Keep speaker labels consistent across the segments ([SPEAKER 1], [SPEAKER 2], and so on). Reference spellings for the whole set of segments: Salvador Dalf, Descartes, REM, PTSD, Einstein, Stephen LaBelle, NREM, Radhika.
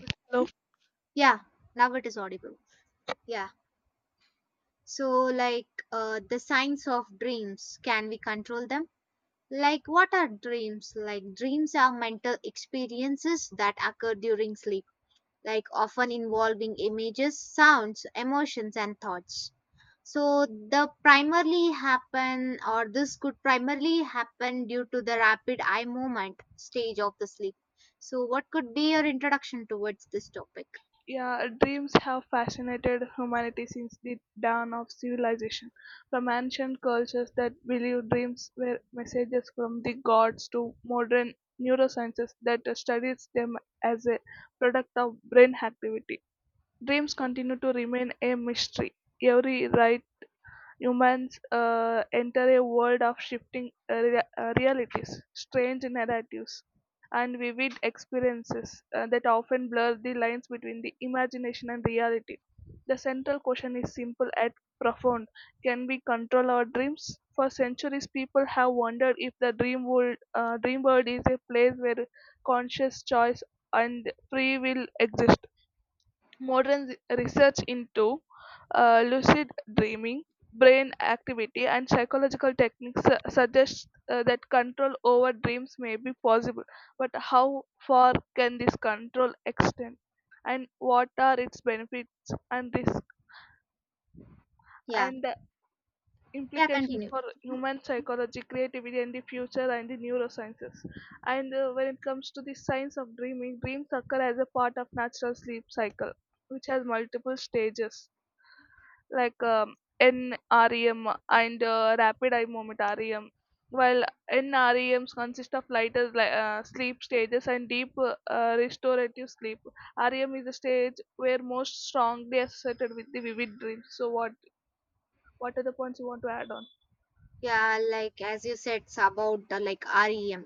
[SPEAKER 1] Good.
[SPEAKER 2] Love,
[SPEAKER 1] Yeah, now it is audible. Yeah. So, like the signs of dreams, can we control them? Like, what are dreams? Like, dreams are mental experiences that occur during sleep, like often involving images, sounds, emotions, and thoughts. So, the primarily happen, or this could primarily happen due to the rapid eye movement stage of the sleep. So, what could be your introduction towards this topic?
[SPEAKER 2] yeah, dreams have fascinated humanity since the dawn of civilization. From ancient cultures that believed dreams were messages from the gods to modern neurosciences that studies them as a product of brain activity. Dreams continue to remain a mystery. Every right humans enter a world of shifting realities, strange narratives, and vivid experiences that often blur the lines between the imagination and reality. The central question is simple yet profound. Can we control our dreams? For centuries, people have wondered if the dream world is a place where conscious choice and free will exist. Modern research into lucid dreaming, brain activity, and psychological techniques suggests that control over dreams may be possible. But how far can this control extend? And what are its benefits and risks?
[SPEAKER 1] Yeah,
[SPEAKER 2] And the
[SPEAKER 1] yeah,
[SPEAKER 2] implications
[SPEAKER 1] continue.
[SPEAKER 2] for human psychology, creativity, and the future, and the neurosciences. And when it comes to the science of dreaming, dreams occur as a part of natural sleep cycle, which has multiple stages like NREM and rapid eye movement REM. While NREMs consist of lighter sleep stages and deep restorative sleep. REM is the stage where most strongly associated with the vivid dreams. So what are the points you want to add on?
[SPEAKER 1] Yeah, like as you said it's about like rem,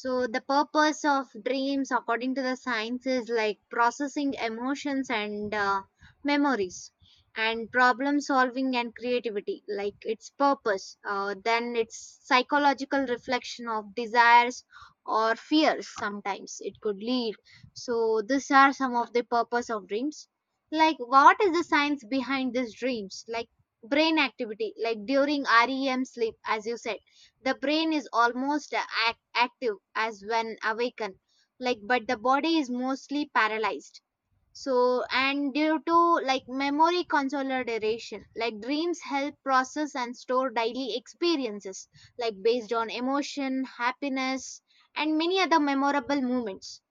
[SPEAKER 1] so the purpose of dreams according to the science is like processing emotions and memories and problem solving and creativity, like its purpose then it's psychological reflection of desires or fears, sometimes it could lead. So these are some of the purpose of dreams. Like what is the science behind these dreams, like brain activity, like during REM sleep, as you said the brain is almost active as when awakened, like, but the body is mostly paralyzed. So, and due to like memory consolidation, like dreams help process and store daily experiences, like based on emotion, happiness, and many other memorable moments.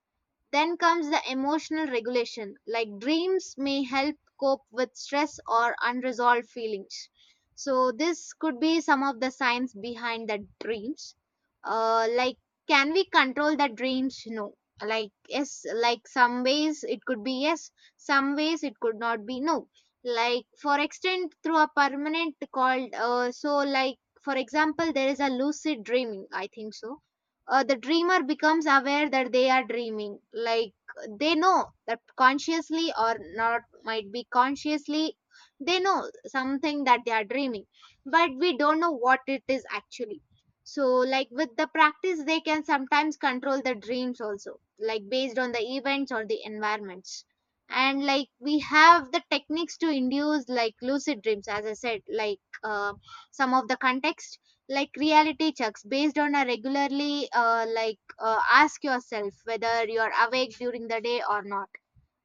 [SPEAKER 1] Then comes the emotional regulation, like dreams may help cope with stress or unresolved feelings. So, this could be some of the science behind the dreams. Like, can we control the dreams? No. Like, yes, like some ways it could be yes, some ways it could not be no. Like, for extent through a permanent called, so, like, for example, there is a lucid dreaming, I think so. The dreamer becomes aware that they are dreaming, like they know that consciously or not, might be consciously, they know something that they are dreaming, but we don't know what it is actually. So like with the practice they can sometimes control the dreams also, like based on the events or the environments. And like we have the techniques to induce like lucid dreams, as I said, like, some of the context, like reality checks based on a regularly like ask yourself whether you're awake during the day or not.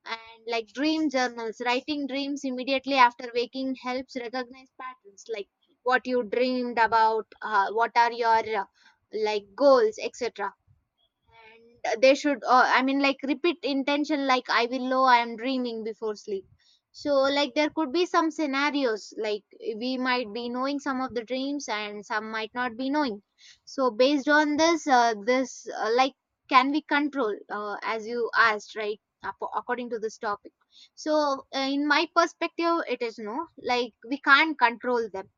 [SPEAKER 1] And like dream journals, writing dreams immediately after waking helps recognize patterns, like what you dreamed about, what are your like goals, etc. And they should, like repeat intention, like I will know I am dreaming before sleep. So, like, there could be some scenarios, like we might be knowing some of the dreams and some might not be knowing. So, based on this, this, like, can we control, as you asked, right? According to this topic. So, in my perspective, it is no, like, we can't control them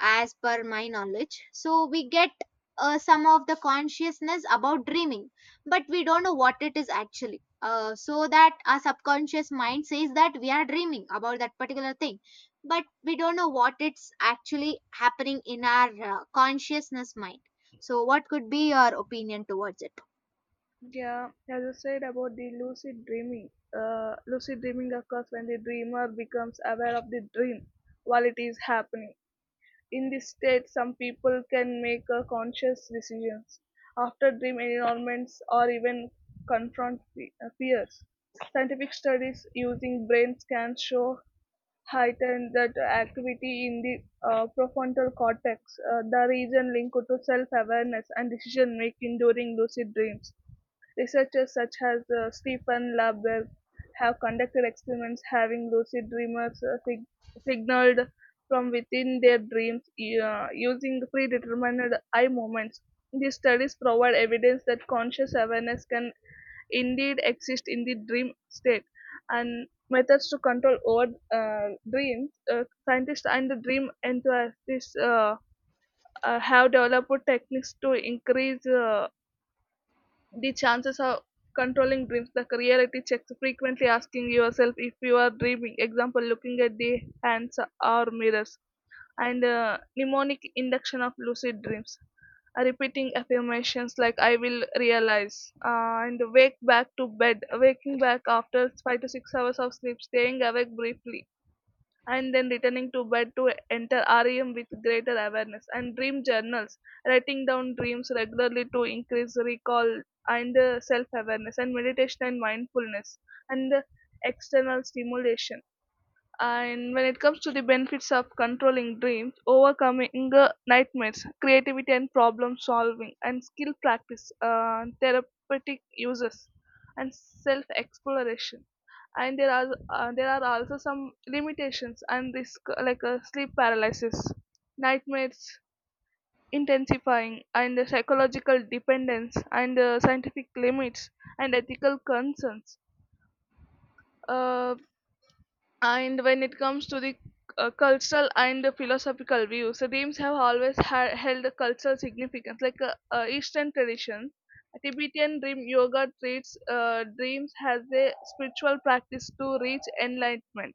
[SPEAKER 1] as per my knowledge. So we get some of the consciousness about dreaming, but we don't know what it is actually. So that our subconscious mind says that we are dreaming about that particular thing, but we don't know what it's actually happening in our consciousness mind. So, what could be your opinion towards it?
[SPEAKER 2] Yeah, as I said about the lucid dreaming occurs when the dreamer becomes aware of the dream while it is happening. In this state, some people can make a conscious decisions after dream environments or even confront fears. Scientific studies using brain scans show heightened that activity in the prefrontal cortex, the region linked to self-awareness and decision-making during lucid dreams. Researchers such as Stephen LaBelle have conducted experiments having lucid dreamers signaled from within their dreams using predetermined eye movements. These studies provide evidence that conscious awareness can indeed exist in the dream state. And methods to control over dreams, scientists and the dream enthusiasts have developed techniques to increase the chances of controlling dreams, the reality checks, frequently asking yourself if you are dreaming, example looking at the hands or mirrors, and mnemonic induction of lucid dreams. Repeating affirmations like I will realize, and wake back to bed, waking back after 5 to 6 hours of sleep, staying awake briefly and then returning to bed to enter REM with greater awareness, and dream journals, writing down dreams regularly to increase recall and self awareness, and meditation and mindfulness, and external stimulation. And when it comes to the benefits of controlling dreams, overcoming nightmares, creativity and problem solving, and skill practice, therapeutic uses, and self exploration. And there are also some limitations and risk like sleep paralysis, nightmares intensifying, and the psychological dependence, and scientific limits and ethical concerns. Uh, and when it comes to the cultural and the philosophical views, the themes have always held a cultural significance. Like Eastern tradition, Tibetan dream yoga treats dreams as a spiritual practice to reach enlightenment.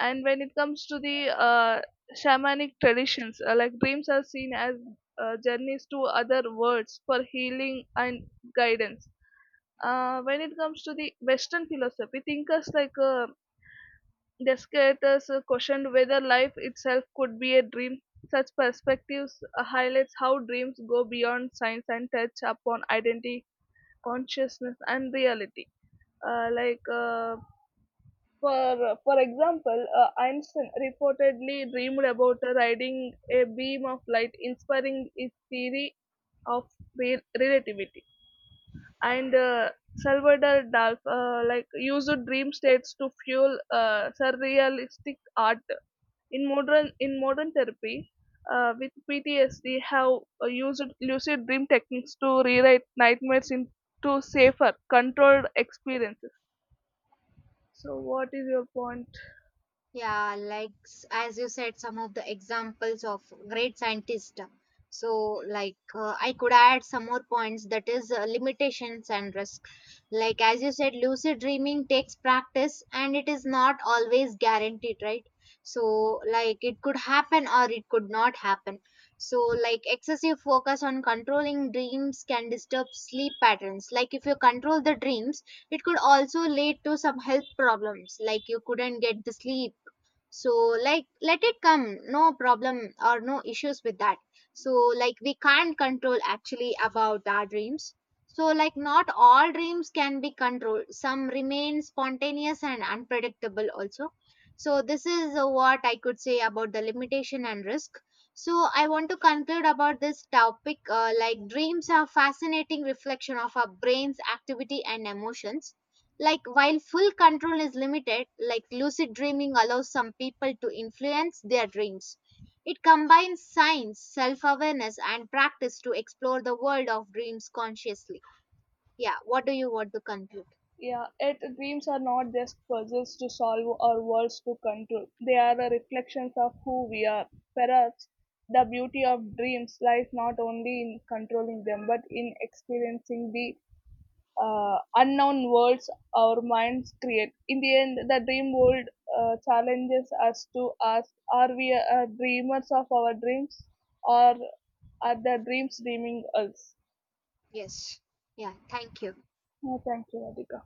[SPEAKER 2] And when it comes to the shamanic traditions, like dreams are seen as journeys to other worlds for healing and guidance. When it comes to the Western philosophy, thinkers like Descartes questioned whether life itself could be a dream. Such perspectives highlights how dreams go beyond science and touch upon identity, consciousness, and reality. Uh, like uh, for example, Einstein reportedly dreamed about riding a beam of light, inspiring his theory of relativity. And Salvador Dalf like used dream states to fuel surrealistic art in modern therapy with PTSD have used lucid dream techniques to rewrite nightmares into safer, controlled experiences. So, what is your point?
[SPEAKER 1] Yeah, like as you said, some of the examples of great scientists. So, like I could add some more points, that is limitations and risk. Like as you said, lucid dreaming takes practice and it is not always guaranteed, right? So, like it could happen or it could not happen. So, like excessive focus on controlling dreams can disturb sleep patterns. Like if you control the dreams, it could also lead to some health problems, like you couldn't get the sleep. So like let it come, no problem or no issues with that. So like we can't control actually about our dreams. So like not all dreams can be controlled, some remain spontaneous and unpredictable also. So this is what I could say about the limitation and risk. So I want to conclude about this topic. Like, dreams are fascinating reflection of our brains activity and emotions, like, while full control is limited, like lucid dreaming allows some people to influence their dreams. It combines science, self awareness, and practice to explore the world of dreams consciously. Yeah, what do you want to conclude?
[SPEAKER 2] Yeah, yet dreams are not just puzzles to solve or words to control. They are a reflections of who we are. Perhaps the beauty of dreams lies not only in controlling them, but in experiencing the unknown worlds our minds create. In the end, the dream world challenges us to ask, are we dreamers of our dreams, or are the dreams dreaming us?
[SPEAKER 1] Yes. Yeah, thank you.
[SPEAKER 2] No, thank you, Radhika.